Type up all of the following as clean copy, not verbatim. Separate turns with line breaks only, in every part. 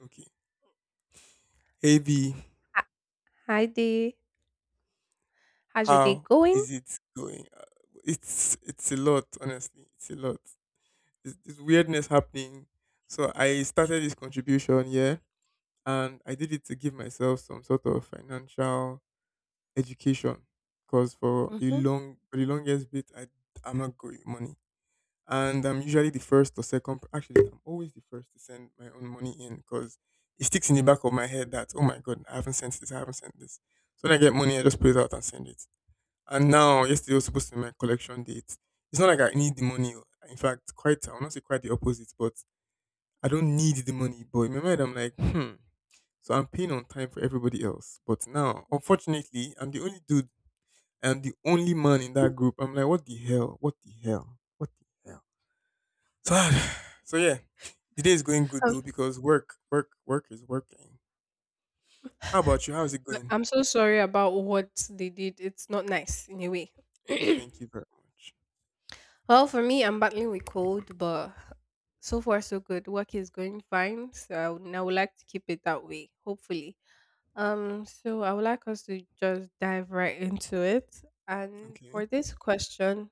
Okay. Hey B,
H- Hi there. How's your day
how
going?
is it going? It's a lot, honestly. It's a lot. It's weirdness happening. So I started this contribution, yeah, and I did it to give myself some sort of financial education. Because
Mm-hmm.
for the longest bit, I'm not good with money, and I'm usually the first or second. Actually, I'm always the first to send my own money in because it sticks in the back of my head that oh my god, I haven't sent this, I haven't sent this. So when I get money, I just put it out and send it. And now, yesterday was supposed to be my collection date. It's not like I need the money. Oh. In fact, quite, I will not say quite the opposite, but I don't need the money. But in my mind, I'm like, So I'm paying on time for everybody else. But now, unfortunately, I'm the only dude. I'm the only man in that group. I'm like, what the hell? What the hell? What the hell? So, so yeah, the day is going good
I'm,
though because work is working. How about you? How is it going?
I'm so sorry about what they did. It's not nice in a way.
Thank you very much.
Well, for me, I'm battling with cold, but so far so good. Work is going fine, so I would like to keep it that way, hopefully. So I would like us to just dive right into it. And
Okay.
for this question,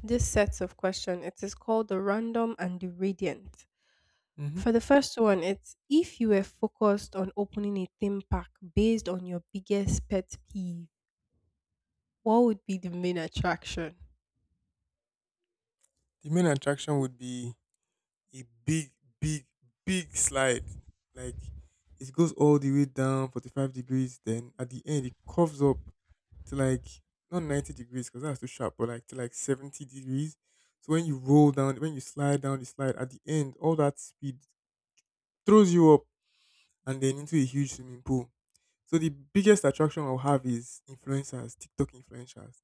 this sets of question, it is called the random and the radiant.
hmm
For the first one, it's if you were focused on opening a theme park based on your biggest pet peeve, what would be the main attraction?
The main attraction would be a big, big slide. Like it goes all the way down 45 degrees. Then at the end, it curves up to like not 90 degrees because that's too sharp, but like to like 70 degrees. So when you slide down the slide, at the end, all that speed throws you up and then into a huge swimming pool. So the biggest attraction I'll have is influencers, TikTok influencers.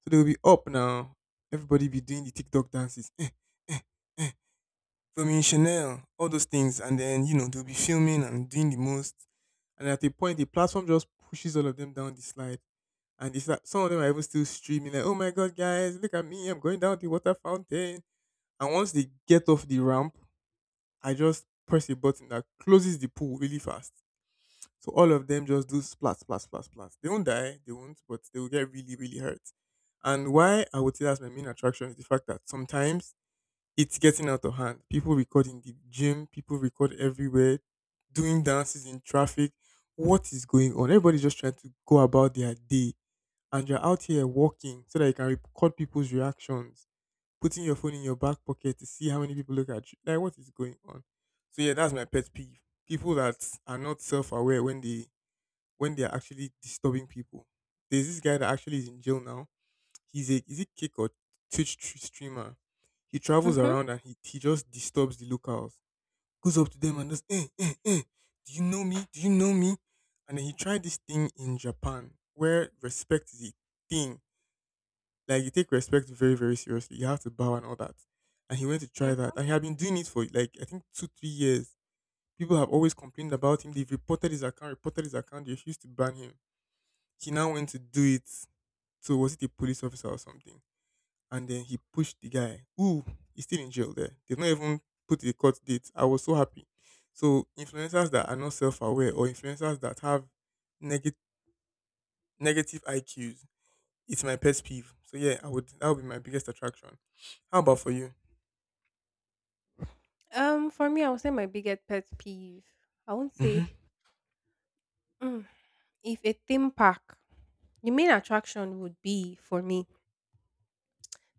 So they'll be up now. Everybody be doing the TikTok dances. Filming Chanel, all those things, and then you know they'll be filming and doing the most, and at a point the platform just pushes all of them down the slide, and it's like some of them are even still streaming like, "Oh my god, guys, look at me, I'm going down the water fountain," and once they get off the ramp, I just press a button that closes the pool really fast, so all of them just do splat, splat, splat, splat. They won't die, they won't, but they will get really, really hurt. And why I would say that's my main attraction is the fact that sometimes it's getting out of hand. People record in the gym, people record everywhere, doing dances in traffic. What is going on? Everybody's just trying to go about their day, and you're out here walking so that you can record people's reactions, putting your phone in your back pocket to see how many people look at you. Like, what is going on? So yeah, that's my pet peeve. People that are not self-aware when they are actually disturbing people. There's this guy that actually is in jail now. He's a is it Kick or streamer. He travels
Mm-hmm.
around and he just disturbs the locals. Goes up to them and just eh eh eh. Do you know me? Do you know me? And then he tried this thing in Japan where respect is a thing. Like you take respect very very seriously. You have to bow and all that. And he went to try that. And he had been doing it for like I think 2 3 years. People have always complained about him. They've reported his account, reported his account. They refused to ban him. He now went to do it, so was it a police officer or something? And then he pushed the guy. Ooh, he's still in jail there. They've not even put the court date. I was so happy. So influencers that are not self-aware or influencers that have neg- negative IQs, it's my pet peeve. So yeah, I would that would be my biggest attraction. How about for you?
For me, I would say my biggest pet peeve. I won't
hmm
say mm, if a theme park, the main attraction would be for me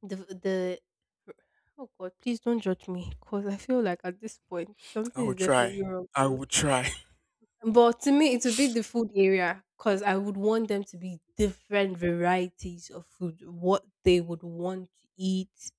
the the. Oh God, please don't judge me, cause I feel like at this point
I
something
will
is
try.
definitely wrong
I
with me.
will try.
But to me, it would be the food area because I would want them to be different varieties of food, what they would want to eat.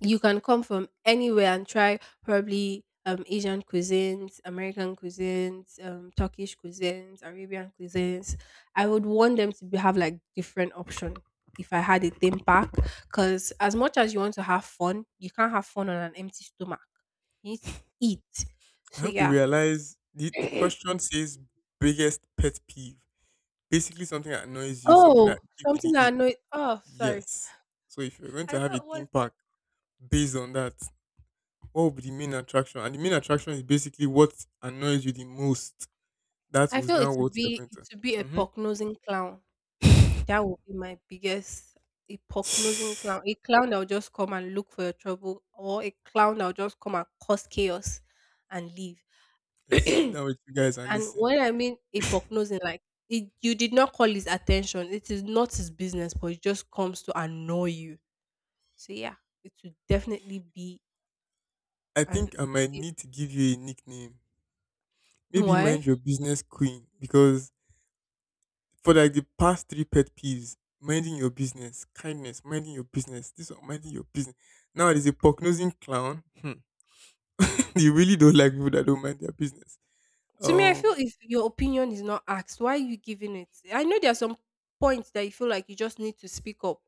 You can come from anywhere and try probably Asian cuisines, American cuisines, Turkish cuisines, Arabian cuisines. I would want them to be, have like different option if I had a theme park because as much as you want to have fun, you can't have fun on an empty stomach. You need to eat.
I
So
hope you
yeah.
realize the question says biggest pet peeve. Basically something that annoys you, something that
Oh,
gives
something
you the
that
ick.
annoys. Oh, sorry.
Yes. So if you're going
I
to have a
thought it
theme
was
park based on that, what would be the main attraction? And the main attraction is basically what annoys you the most. That
I
was
feel
now what you're going
it
to.
would be a pock-nosing clown.
Mm-hmm.
That would be my biggest a pock-nosing clown. A clown that will just come and look for your trouble, or a clown that will just come and cause chaos and leave.
Let's sit down with
And
you guys and listen.
when I mean a pock-nosing, like it, you did not call his attention. It is not his business, but it just comes to annoy you. So yeah, it would definitely be
I
an
think I might need to give you a nickname. Maybe
why?
mind your business queen because for like the past three pet peeves, minding your business, kindness, minding your business, this one, minding your business. Now there's a prognosing clown. Hmm. You really don't like people that don't mind their business.
To me, I feel
Um,
if your opinion is not asked, why are you giving it? I know there are some points that you feel like you just need to speak up.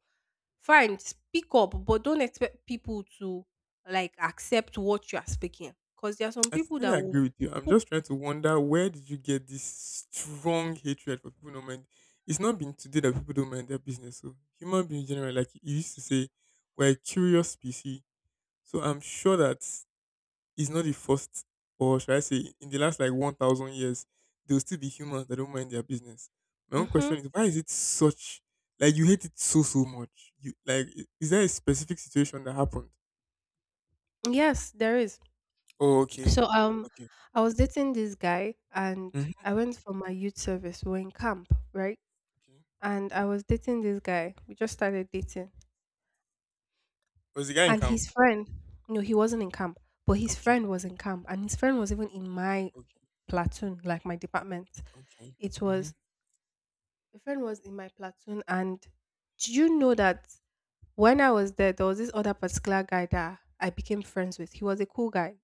Fine, speak up, but don't expect people to like accept what you are speaking. Because there are some
I
people
totally
that will
agree with you. I'm
who
just trying to wonder where did you get this strong hatred for people don't mind. It's not been today that people don't mind their business. So human beings generally, like you used to say, we're a curious species. So I'm sure that it's not the first, or should I say, in the last like 1,000 years, there will still be humans that don't mind their business. My own question
Mhm.
is why is it such like you hate it so so much? You like is there a specific situation that happened?
Yes, there is.
Oh, okay.
So,
Okay.
I was dating this guy, and
Hmm.
I went for my youth service. We were in camp, right?
Okay.
And I was dating this guy. We just started dating,
Was the guy in
and
camp?
his friend, no, he wasn't in camp, but his
Okay.
friend was in camp, and his friend was even in my
Okay,
platoon, like my department.
okay.
It was
Mhm,
the friend was in my platoon, and do you know that when I was there, there was this other particular guy that I became friends with. He was a cool guy.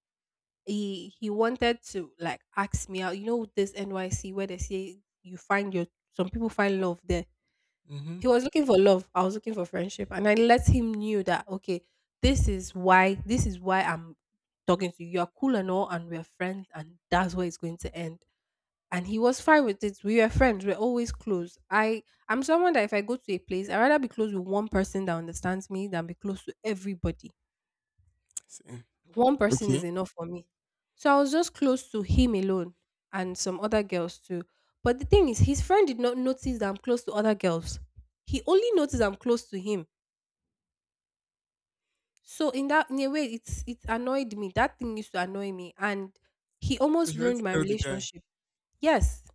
He wanted to like ask me out. You know this NYC where they say you find your some people find love there.
mhm.
He was looking for love. I was looking for friendship. And I let him knew that okay, this is why I'm talking to you. You're cool and all and we're friends and that's where it's going to end. And he was fine with it. We were friends. We're always close. I'm someone that if I go to a place, I'd rather be close with one person that understands me than be close to everybody.
So,
One person is
okay.
enough for me. So I was just close to him alone and some other girls too. But the thing is, his friend did not notice that I'm close to other girls. He only noticed I'm close to him. So in that in a way it's it annoyed me. That thing used to annoy me and he
So
almost
she went to
ruined my
tell the guy,
relationship. Yes.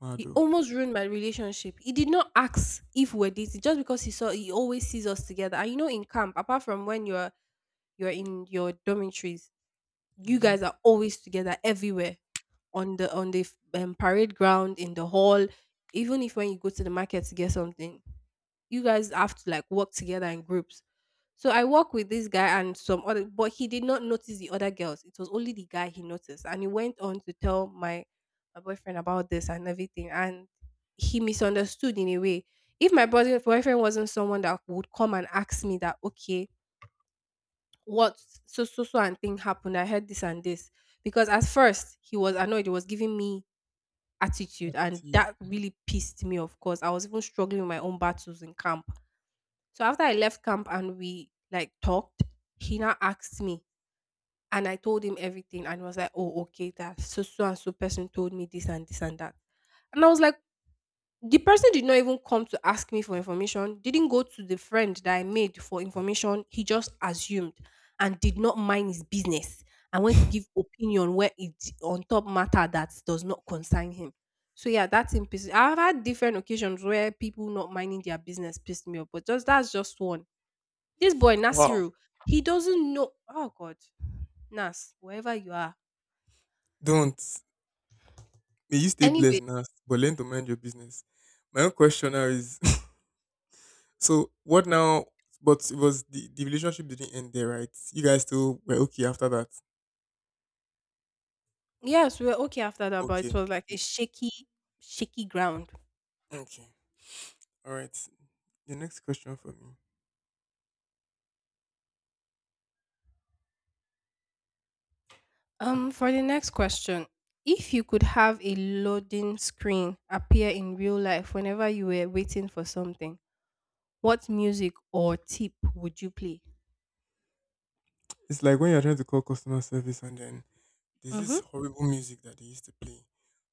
mad
He
oh.
almost ruined my relationship. He did not ask if we're dating just because he saw he always sees us together. And you know in camp, apart from when you're in your dormitories, you
Mhm.
guys are always together everywhere on the f- parade ground in the hall, even if when you go to the market to get something you guys have to like work together in groups. So I work with this guy and some other, but he did not notice the other girls. It was only the guy he noticed, and he went on to tell my boyfriend about this and everything. And he misunderstood in a way. If my boy- boyfriend wasn't someone that would come and ask me that, okay, what so so so and thing happened, I heard this and this, because at first he was annoyed. He was giving me attitude, and
Attitude.
that really pissed me. Of course, I was even struggling with my own battles in camp so after I left camp and we like talked, he now asked me and I told him everything and was like, oh, okay, that so so and so person told me this and this and that. And I was like, the person did not even come to ask me for information, didn't go to the friend that I made for information. He just assumed and did not mind his business and went to give opinion where it on top matter that does not concern him. So yeah, that's in piss. I've had different occasions where people not minding their business pissed me off, but just that's just one this boy
Wow.
Nasiru, he doesn't know. Oh God, Nas, wherever you are.
Don't. May you stay blessed
Anyway,
now, but learn to mind your business. My own question now is, so what now? But it was the relationship didn't end there, right? You guys still were okay after that.
yes, we were okay after that, but
Okay,
it was like a
okay,
shaky ground.
okay. All right. The next question for me.
For the next question, if you could have a loading screen appear in real life whenever you were waiting for something, what music or tip would you play?
It's like when you're trying to call customer service and then there's this
Mm-hmm.
horrible music that they used to play,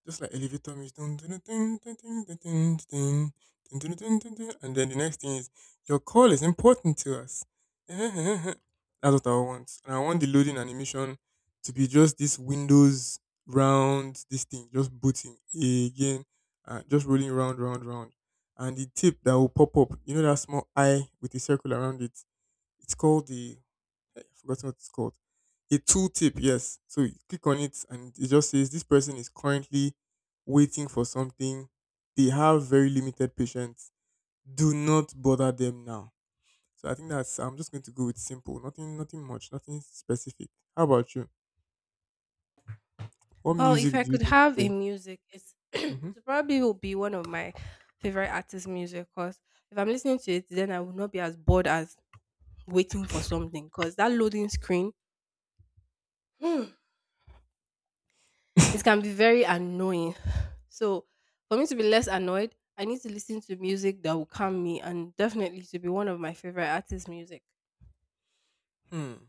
just like elevator music, dun dun dun dun dun dun dun dun dun dun dun dun dun, dun. And then the next thing is your call is important to us. That's what I want, and I want the loading animation to be just this Windows round, this thing just booting again, just rolling round, round, round, and the tip that will pop up, you know that small eye with a circle around it. It's called the I've forgotten what it's called. A tooltip, yes. So you click on it and it just says this person is currently waiting for something. They have very limited patience. Do not bother them now. So I think that's I'm just going to go with simple. Nothing much, nothing specific. How about you? What
Well, if
music
I
do you
could
think to
have a
play?
music, it's
Mm-hmm.
it probably will be one of my favorite artist music because if I'm listening to it, then I will not be as bored as waiting for something because that loading screen Hmm. it can be very annoying. So for me to be less annoyed, I need to listen to music that will calm me and definitely to be one of my favorite artists' music.
Hmm.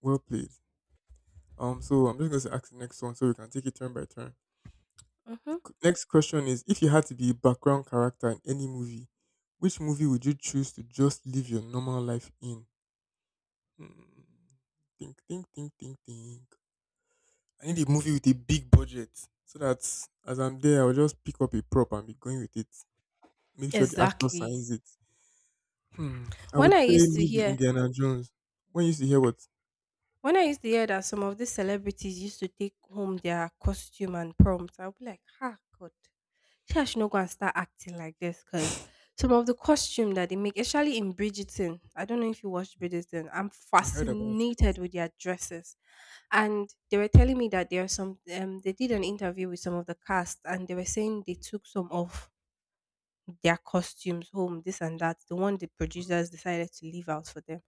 Well played. So I'm just gonna ask the next one so we can take it turn by turn.
Hmm.
Next question is if you had to be a background character in any movie, which movie would you choose to just live your normal life in? Hmm. Think, think. I need a movie with a big budget so that as I'm there, I'll just pick up a prop and be going with it. Make sure the actor
Exactly.
signs it. Hmm. I
When
would
I
say
used to
maybe
hear
Indiana Jones. When you used to hear what?
When I used to hear that some of these celebrities used to take home their costume and prompts, I would be like, ah, God, she should not go and start acting like this because
I
some of the costume that they make, especially in Bridgerton, I don't know if you watched Bridgerton, I'm
heard about it.
fascinated with their dresses. And they were telling me that there are some, they did an interview with some of the cast and they were saying they took some of their costumes home, this and that, the one the producers decided to leave out for them.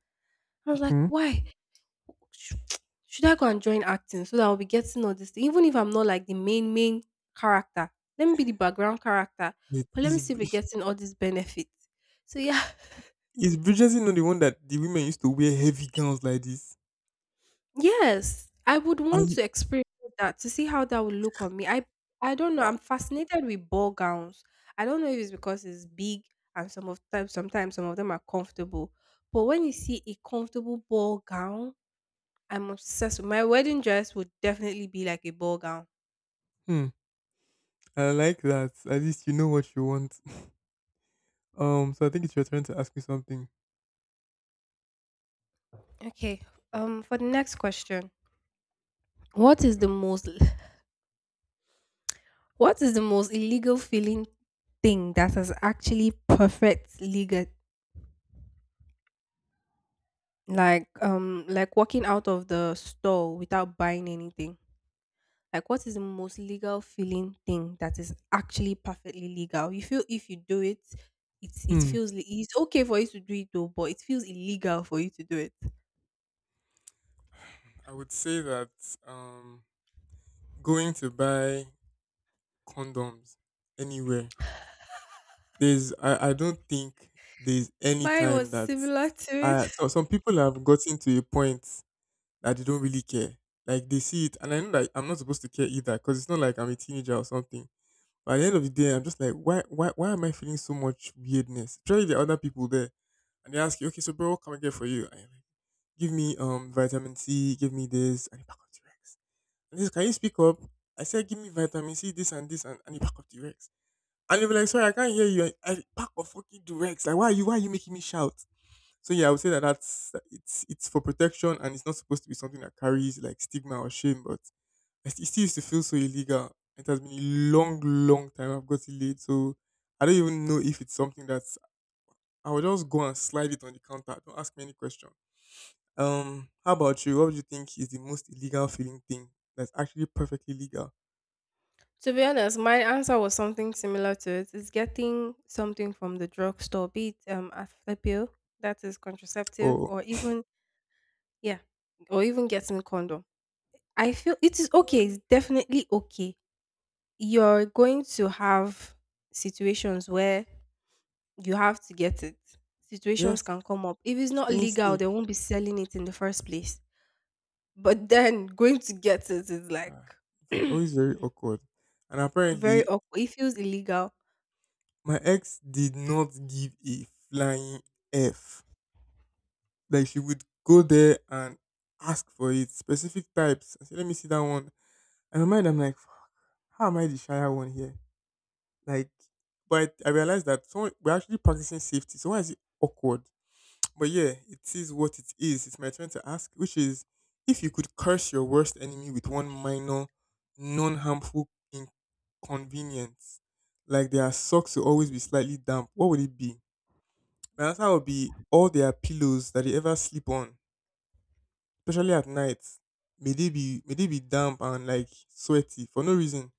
I was like,
Hmm?
why? Sh- should I go and join acting so that I'll be getting all this? Thing? Even if I'm not like the main character, let me be the background character.
It
But let me
is
still be getting all these benefits. So yeah,
Is Bridgerton not the one that the women used to wear heavy gowns like this?
yes, I would want
And
to experience that to see how that would look on me. I don't know.
wow.
I'm fascinated with ball gowns. I don't know if it's because it's big and some of them some of them are comfortable. But when you see a comfortable ball gown, I'm obsessed with my wedding dress would definitely be like a ball gown.
Hmm. I like that. At least you know what you want. So I think it's your turn to ask me something.
Okay. For the next question. What is the most what is the most illegal feeling thing that has actually perfect legal like walking out of the store without buying anything? Like what is the most legal feeling thing that is actually perfectly legal? You feel if you do it, it's it
Hmm.
feels li- it's okay for you to do it though, but it feels illegal for you to do it.
I would say that um going to buy condoms anywhere. There's I don't think there's any
Mine
time
was
that
similar to it.
I so some people have gotten to a point that they don't really care. Like they see it and I know that I'm not supposed to care either because it's not like I'm a teenager or something. But at the end of the day, I'm just like, why am I feeling so much weirdness? Surely there are other people there, and they ask you, okay, so bro, what can I get for you? And you're like, give me vitamin C, give me this, and a pack of T-Rex. And this, can you speak up? I said, give me vitamin C, this and this, and a pack of T-Rex. And you'll be like, sorry, I can't hear you. A pack of fucking T-Rex. Like, why are you making me shout? So yeah, I would say that that's it's for protection, and it's not supposed to be something that carries like stigma or shame, but it still used to feel so illegal. It has been a long, long time I've got it late, so I don't even know if it's something that's. I will just go and slide it on the counter. Don't ask me any question. How about you? What do you think is the most illegal feeling thing that's actually perfectly legal?
To be honest, my answer was something similar to it. It's getting something from the drugstore, be it a pill that is contraceptive,
Or.
or even yeah, or even getting condom. I feel it is okay.
Mm,
It's definitely okay. You're going to have situations where you have to get it. Situations
yes,
can come up. If it's not
staying
legal,
safe.
they won't be selling it in the first place. But then going to get it is like
Ah, always very awkward. And
very
apparently,
awkward. It feels illegal.
my ex did not give a flying f. Like she would go there and ask for it, specific types. I said, let me see that one. In my mind, I'm like, fuck, how am I the shyer one here? Like, but I realized that someone, we're actually practicing safety. So why is it awkward? But yeah, it is what it is. It's my turn to ask, which is if you could curse your worst enemy with one minor, non harmful inconvenience, like their socks will always be slightly damp, what would it be? My answer would be all their pillows that they ever sleep on, especially at night. May they be damp and like sweaty for no reason.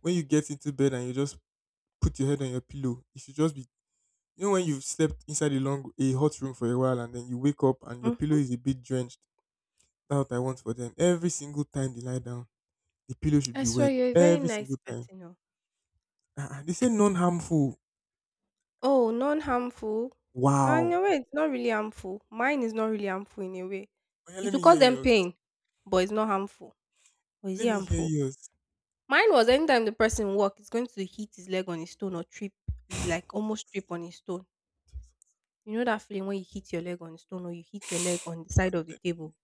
When you get into bed and you just put your head on your pillow. It should just be, you know, when you've slept inside a hot room for a while and then you wake up and your pillow is a bit drenched. That's what I want for them. Every single time they lie down, the pillow should
I
be
swear
wet.
you're a very
Every
nice
single time.
person. Oh,
Ah, they say non harmful.
oh non-harmful. And in
Wow.
a way, it's not really harmful. Mine is not really harmful in a way.
Oh yeah, let
It will
me
cause
hear
them
yours.
pain, but it's not harmful. Or is it
Let me hear
harmful?
yours.
Mine was anytime the person walk, it's going to hit his leg on a stone or trip. It's like almost trip on a stone. You know that feeling when you hit your leg on a stone or you hit your leg on the side of the
And,
table.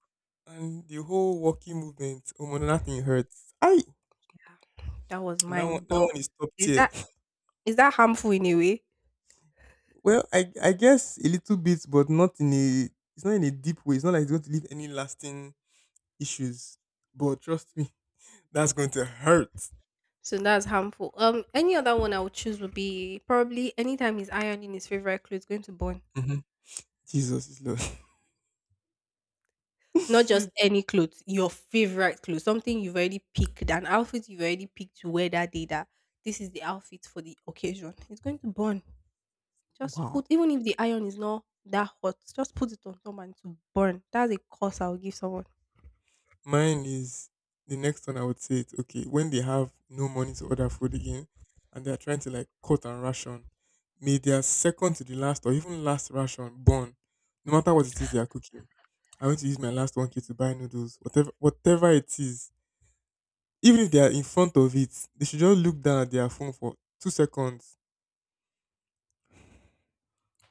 and the whole walking movement, oh, nothing hurts. I
Yeah, that was
That one,
mine.
that
But
one is top
is
tier.
that is that harmful in a way?
Well, I guess a little bit, but not in a. It's not in a deep way. It's not like it's going to leave any lasting issues. But trust me, that's going to hurt.
So that's harmful. Any other one I would choose would be probably anytime he's ironing his favorite clothes, going to burn.
hmm Jesus is Lord.
Not just any clothes, your favorite clothes, something you've already picked, an outfit you've already picked to wear that day. That this is the outfit for the occasion. It's going to burn. Just
Wow.
put, even if the iron is not that hot, just put it on someone to burn. That's a cost I would give someone.
Mine is the next one. I would say it's okay when they have no money to order food again and they're trying to like cut and ration, may their second to the last or even last ration burn. No matter what it is they are cooking. I'm going to use my last 1K to buy noodles, whatever it is. Even if they are in front of it, they should just look down at their phone for 2 seconds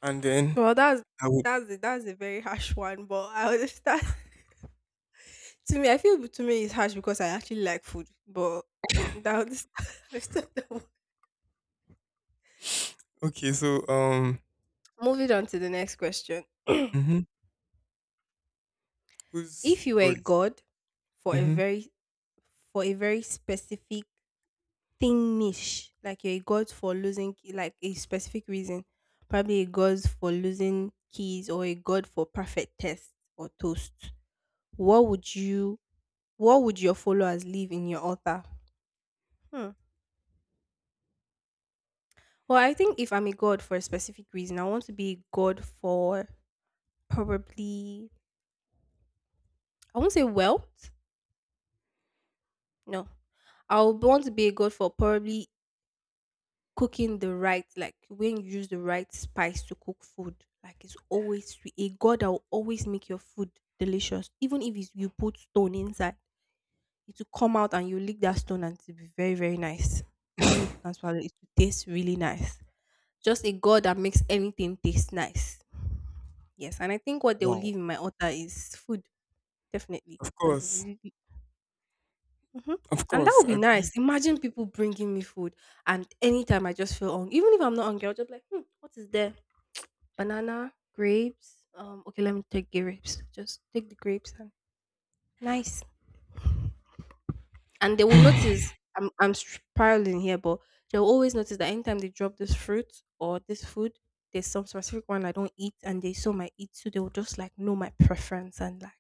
and then
Well, that's
I would.
that's a very harsh one, but I understand. To me, I feel to me it's harsh because I actually like food, but that was- I still don't-
Okay, so
moving on to the next question.
Mhm. Whose
If you were a
voice?
god for a
Mhm.
very for a very specific thing niche, like you're a god for losing like a specific reason, probably a god for losing keys or a god for perfect test or toast, what would you what would your followers leave in your altar? Hmm. Well, I think if I'm a god for a specific reason, I want to be a god for probably, I won't say wealth. No, I would want to be a god for probably cooking the right, like when you use the right spice to cook food. Like it's always sweet. A god that will always make your food delicious, even if it's, you put stone inside, it will come out and you lick that stone and it will be very very nice. Even if you can't swallow it, it will taste really nice. Just a god that makes anything taste nice. Yes, and I think what they will
Wow.
leave in my altar is food, definitely,
Of
because it's
course.
really mhm.
Of
And that
course.
would be
I believe.
nice. Imagine people bringing me food, and anytime I just feel hungry, even if I'm not hungry, I'll just be like, hmm, what is there? Banana, grapes. Okay, let me take grapes. Just take the grapes and nice. And they will notice I'm spiraling here, but they'll always notice that anytime they drop this fruit or this food, there's some specific one I don't eat, and they saw my eat, so they will just like know my preference and like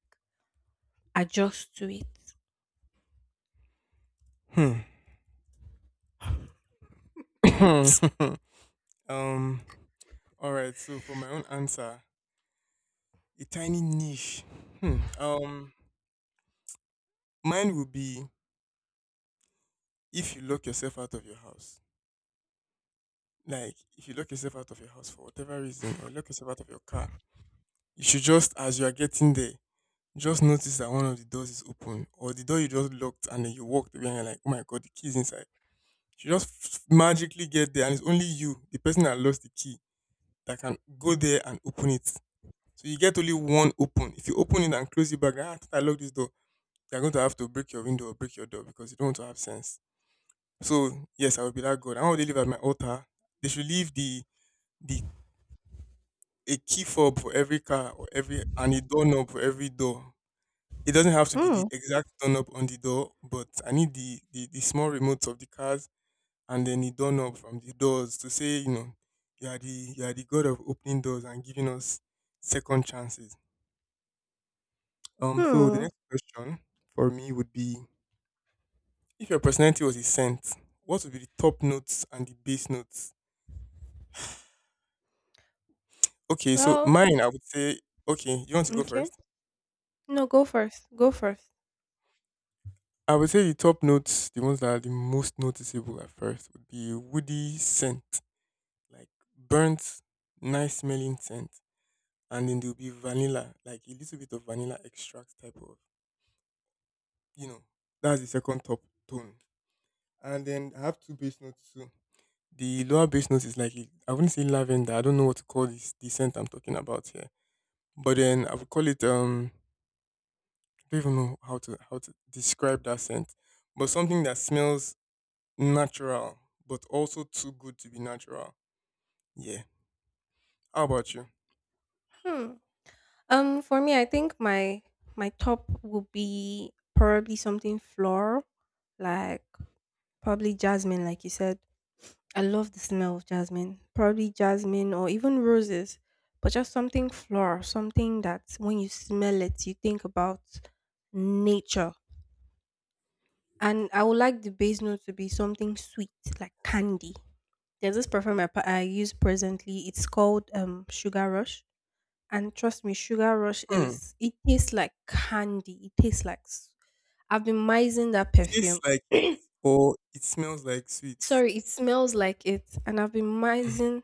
adjust to it.
Hmm. um. All right. So for my own answer, a tiny niche. Hmm. Um. Mine would be if you lock yourself out of your house. Like if you lock yourself out of your house for whatever reason, or lock yourself out of your car, you should, just as you are getting there, just notice that one of the doors is open, or the door you just locked, and then you walked away and you're like, oh my god, the key is inside. She just magically get there, and it's only you, the person that lost the key, that can go there and open it. So you get only one open. If you open it and close it back, ah, I thought I locked this door. They're going to have to break your window or break your door because you don't want to have sense. So yes, I will be that God. And how would they live at my altar? They should leave the a key fob for every car or every and a doorknob for every door. It doesn't have to be the
Mm.
exact doorknob on the door, but I need the small remotes of the cars and then the doorknob from the doors to say, you are the god of opening doors and giving us second chances. So the
Hmm.
next question for me would be, if your personality was a scent, what would be the top notes and the bass notes? Okay, so
Well,
mine, I would say. Okay, you want to go
okay.
first?
No, go first. Go first.
I would say the top notes, the ones that are the most noticeable at first, would be woody scent, like burnt, nice smelling scent. And then there'll be vanilla, like a little bit of vanilla extract type of, you know, that's the second top tone. And then I have two bass notes too. The lower bass note is like I wouldn't say lavender. I don't know what to call this, the scent I'm talking about here. But then I would call it I don't even know how to describe that scent. But something that smells natural, but also too good to be natural. Yeah. How about you?
Hmm. For me, I think my top would be probably something floral, like probably jasmine, like you said. I love the smell of jasmine. Probably jasmine or even roses, but just something floral, something that when you smell it, you think about nature. And I would like the base note to be something sweet, like candy. There's this perfume I use presently. It's called Sugar Rush. And trust me, Sugar Rush
Hmm.
is, it tastes like candy. It tastes like, s- I've been mising that
Tastes
perfume.
like it, or it smells like sweets.
Sorry, it smells like it. And I've been mising,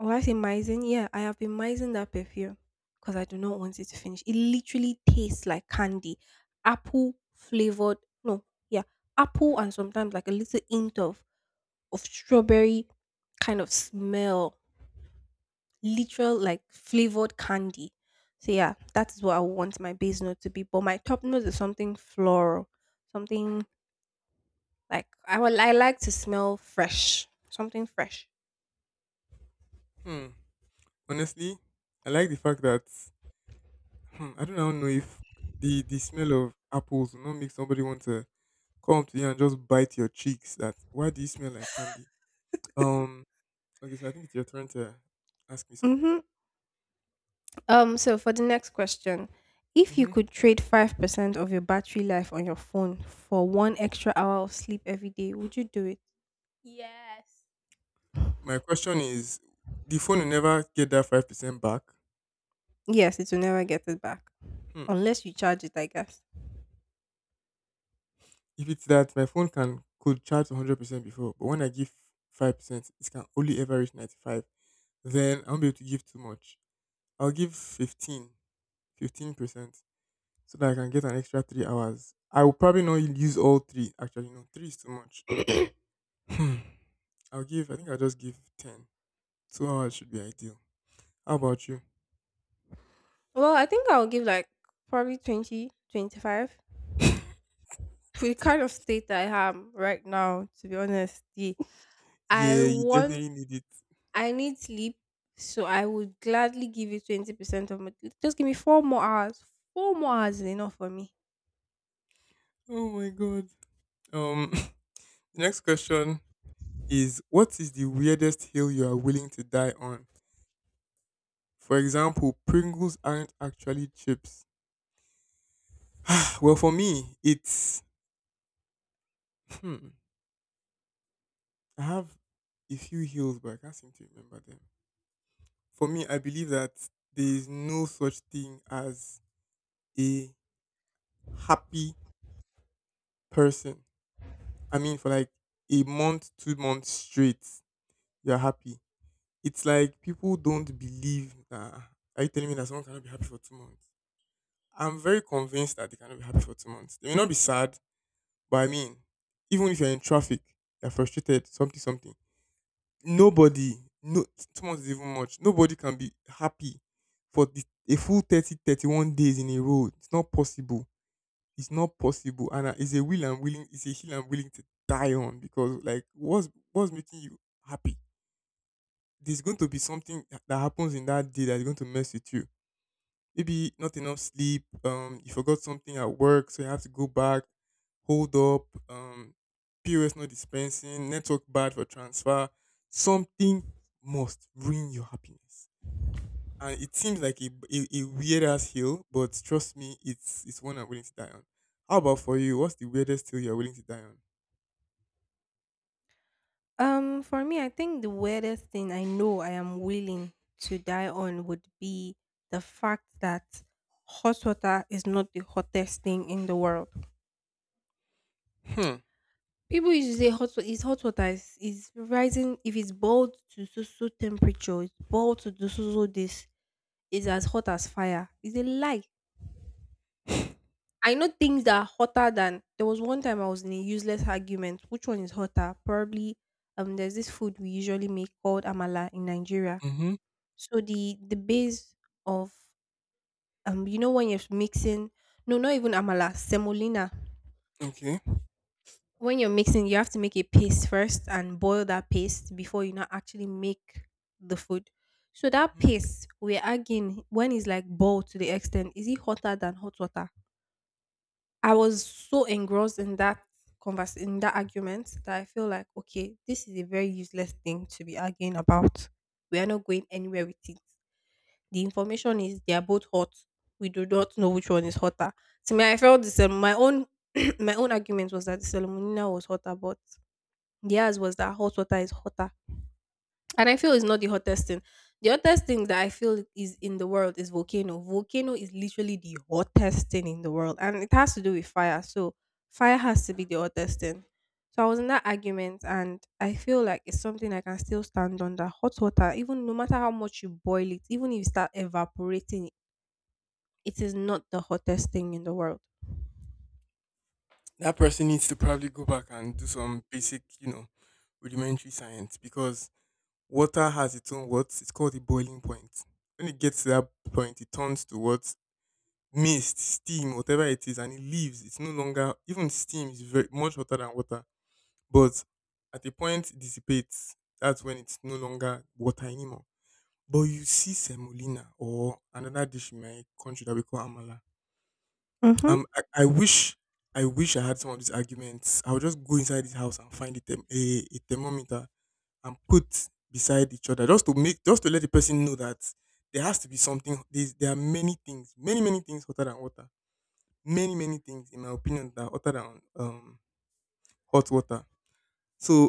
oh, I say mising? Yeah, I have been mising that perfume because I do not want it to finish. It literally tastes like candy. Apple flavored, no, yeah, apple and sometimes like a little hint of strawberry kind of smell literal like flavored candy. So yeah, that is what I want my base note to be. But my top note is something floral, something like I will. I like to smell fresh, something fresh.
Hmm. Honestly, I like the fact that, I do not know if the the smell of apples will not make somebody want to come up to you and just bite your cheeks. That, why do you smell like candy? Um. Okay, so I think it's your turn to ask me something.
Mm-hmm. So for the next question, if you
hmm
could trade 5% of your battery life on your phone for 1 extra hour of sleep every day, would you do it? Yes.
My question is, the phone will never get that 5% back.
Yes, it will never get it back
Hmm.
unless you charge it. I guess.
If it's that my phone can could charge 100% before, but when I give 5%, it can only ever reach 95. Then I won't be able to give too much. I'll give 15, 15%, so that I can get an extra 3 hours. I will probably not use all three. Actually, no, three is too much. Hmm. I'll give. I think I'll just give 10. 2 hours should be ideal. How about you?
Well, I think I'll give like probably 20, 25. For the kind of state I am right now, to be honest, the I
Yeah, you
want
definitely need it.
I need sleep, so I would gladly give you 20% of my just give me 4 more hours. 4 more hours is enough for me.
Oh my god. Um, next question is: what is the weirdest hill you are willing to die on? For example, Pringles aren't actually chips. Well, for me, it's hmm. I have a few hills, but I can't seem to remember them. For me, I believe that there is no such thing as a happy person. I mean, for like a month, 2 months straight, you're happy. It's like people don't believe that. Are you telling me that someone cannot be happy for 2 months? I'm very convinced that they cannot be happy for 2 months. They may not be sad, but I mean, even if you're in traffic, you're frustrated, something. Nobody, no, 2 months is even much. Nobody can be happy for a full 30, 31 days in a row. It's not possible. It's not possible. And it's a hill I'm willing to die on because, like, what's making you happy? There's going to be something that happens in that day that's going to mess with you, maybe not enough sleep, you forgot something at work, so you have to go back, hold up, POS not dispensing, network bad for transfer, something must ruin your happiness. And it seems like a weird ass hill, but trust me, it's one I'm willing to die on. How about for you? What's the weirdest hill you're willing to die on?
For me, I think the weirdest thing I know I am willing to die on would be the fact that hot water is not the hottest thing in the world.
Hmm.
People used to say hot water is hot water is rising if it's boiled to so so temperature, it's boiled to do so so this is as hot as fire is a lie. I know things that are hotter than there was one time I was in a useless argument. Which one is hotter? Probably there's this food we usually make called amala in Nigeria.
Mm-hmm.
So the base of you know when you're mixing no not even amala, semolina.
Okay.
When you're mixing you have to make a paste first and boil that paste before you now actually make the food. So that
hmm
paste we're arguing when it's like boiled to the extent, is it hotter than hot water? I was so engrossed in that convers in that argument that I feel like, okay, this is a very useless thing to be arguing about. We are not going anywhere with it. The information is they are both hot. We do not know which one is hotter. To me, I felt this. My own my own argument was that the salmonella was hotter, but theirs was that hot water is hotter. And I feel it's not the hottest thing. The hottest thing that I feel is in the world is volcano. Volcano is literally the hottest thing in the world, and it has to do with fire. So fire has to be the hottest thing. So I was in that argument, and I feel like it's something I can still stand under. Hot water, even no matter how much you boil it, even if you start evaporating, it is not the hottest thing in the world.
That person needs to probably go back and do some basic, rudimentary science, because water has its own what? It's called the boiling point. When it gets to that point, it turns to what? Mist, steam, whatever it is, and it leaves. It's no longer. Even steam is very much hotter than water. But at a point it dissipates. That's when it's no longer water anymore. But you see semolina, or another dish in my country that we call amala.
Mhm.
Um, I, I wish, I wish I had some of these arguments. I would just go inside this house and find a thermometer and put beside each other, just to let the person know that there has to be something. There are many things, many many things hotter than water, many many things in my opinion that are hotter than hot water. So,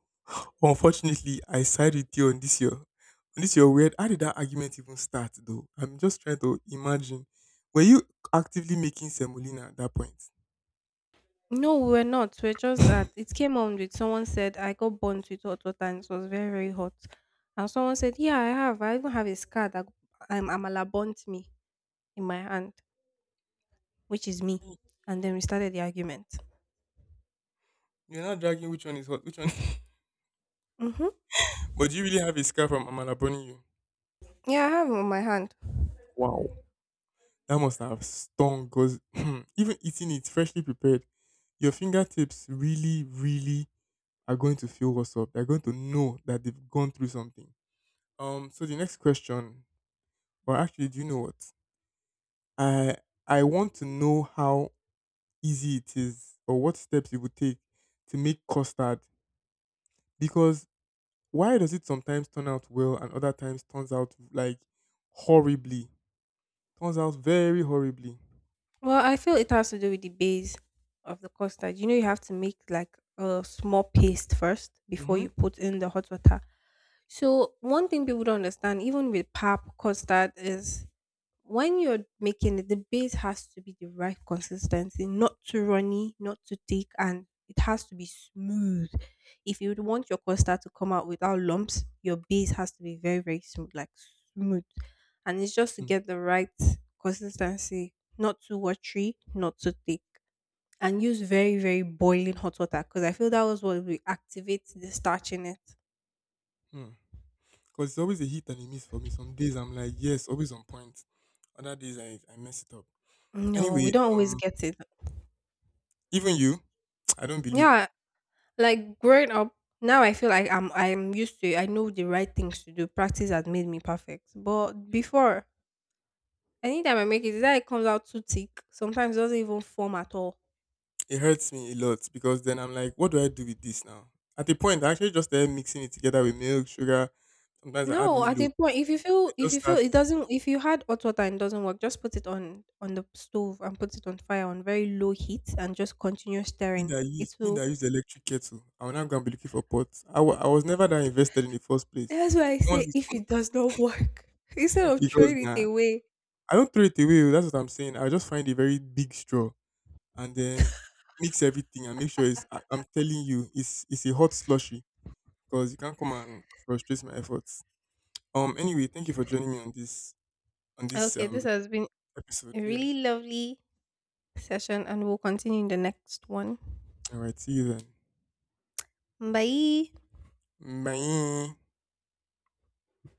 unfortunately I side with you on this year on this your weird. How did that argument even start though? I'm just trying to imagine. Were you actively making semolina at that point?
No, we were not. We're just that it came on with someone said I got burnt with hot water and it was very very hot, and someone said yeah I have I even have a scar that Amala burnt me in my hand, which is me, and then we started the argument.
You're not dragging, which one is hot, which one.
Mm-hmm.
But do you really have a scar from amala burning you?
Yeah, I have it on my hand.
Wow. That must have stung because even eating it freshly prepared, your fingertips really, really are going to feel what's up. They're going to know that they've gone through something. So the next question, or actually, do you know what? I I want to know how easy it is or what steps it would take to make custard, because why does it sometimes turn out well and other times turns out like horribly? Turns out very horribly.
Well, I feel it has to do with the base of the custard. You know, you have to make like a small paste first before
Mm-hmm.
you put in the hot water. So one thing people don't understand, even with pap custard, is when you're making it, the base has to be the right consistency, not too runny, not too thick, and it has to be smooth. If you would want your custard to come out without lumps, your base has to be very, very smooth, like smooth. And it's just to get the right consistency, not too watery, not too thick. And use very, very boiling hot water because I feel that was what will activate the starch in it.
Mm-hmm. Because it's always a hit and a miss for me. Some days I'm like, yes, always on point. Other days I mess it up.
No, we
Anyway,
don't always
um,
get it.
even you, I don't believe.
Yeah, like growing up, now I feel like I'm used to it. I know the right things to do. Practice has made me perfect. But before, anytime I make it, that it comes out too thick. Sometimes it doesn't even form at all.
It hurts me a lot because then I'm like, what do I do with this now? At a point, I actually just started mixing it together with milk, sugar. Sometimes I add
No, at
Milo.
a point,
It
if
just
you feel it
starts.
doesn't if you had hot water and it doesn't work, just put it on the stove and put it on fire on very low heat and just continue stirring. It
Me that
will.
I use the electric kettle. I'm not gonna be looking for pots. I was never that invested in the first place.
That's why I
Someone
say if
who's-
it does not work, instead of
because
throwing it
nah,
away.
I don't throw it away. Oh, that's what I'm saying. I just find a very big straw and then mix everything and make sure it's. I'm telling you, it's a hot slushy because you can't come and frustrate my efforts. Anyway, thank you for joining me on this on this
Okay, this
um
has been
episode.
a
Yeah.
really lovely session and we'll continue in the next one.
All right. See you then.
Bye.
Bye.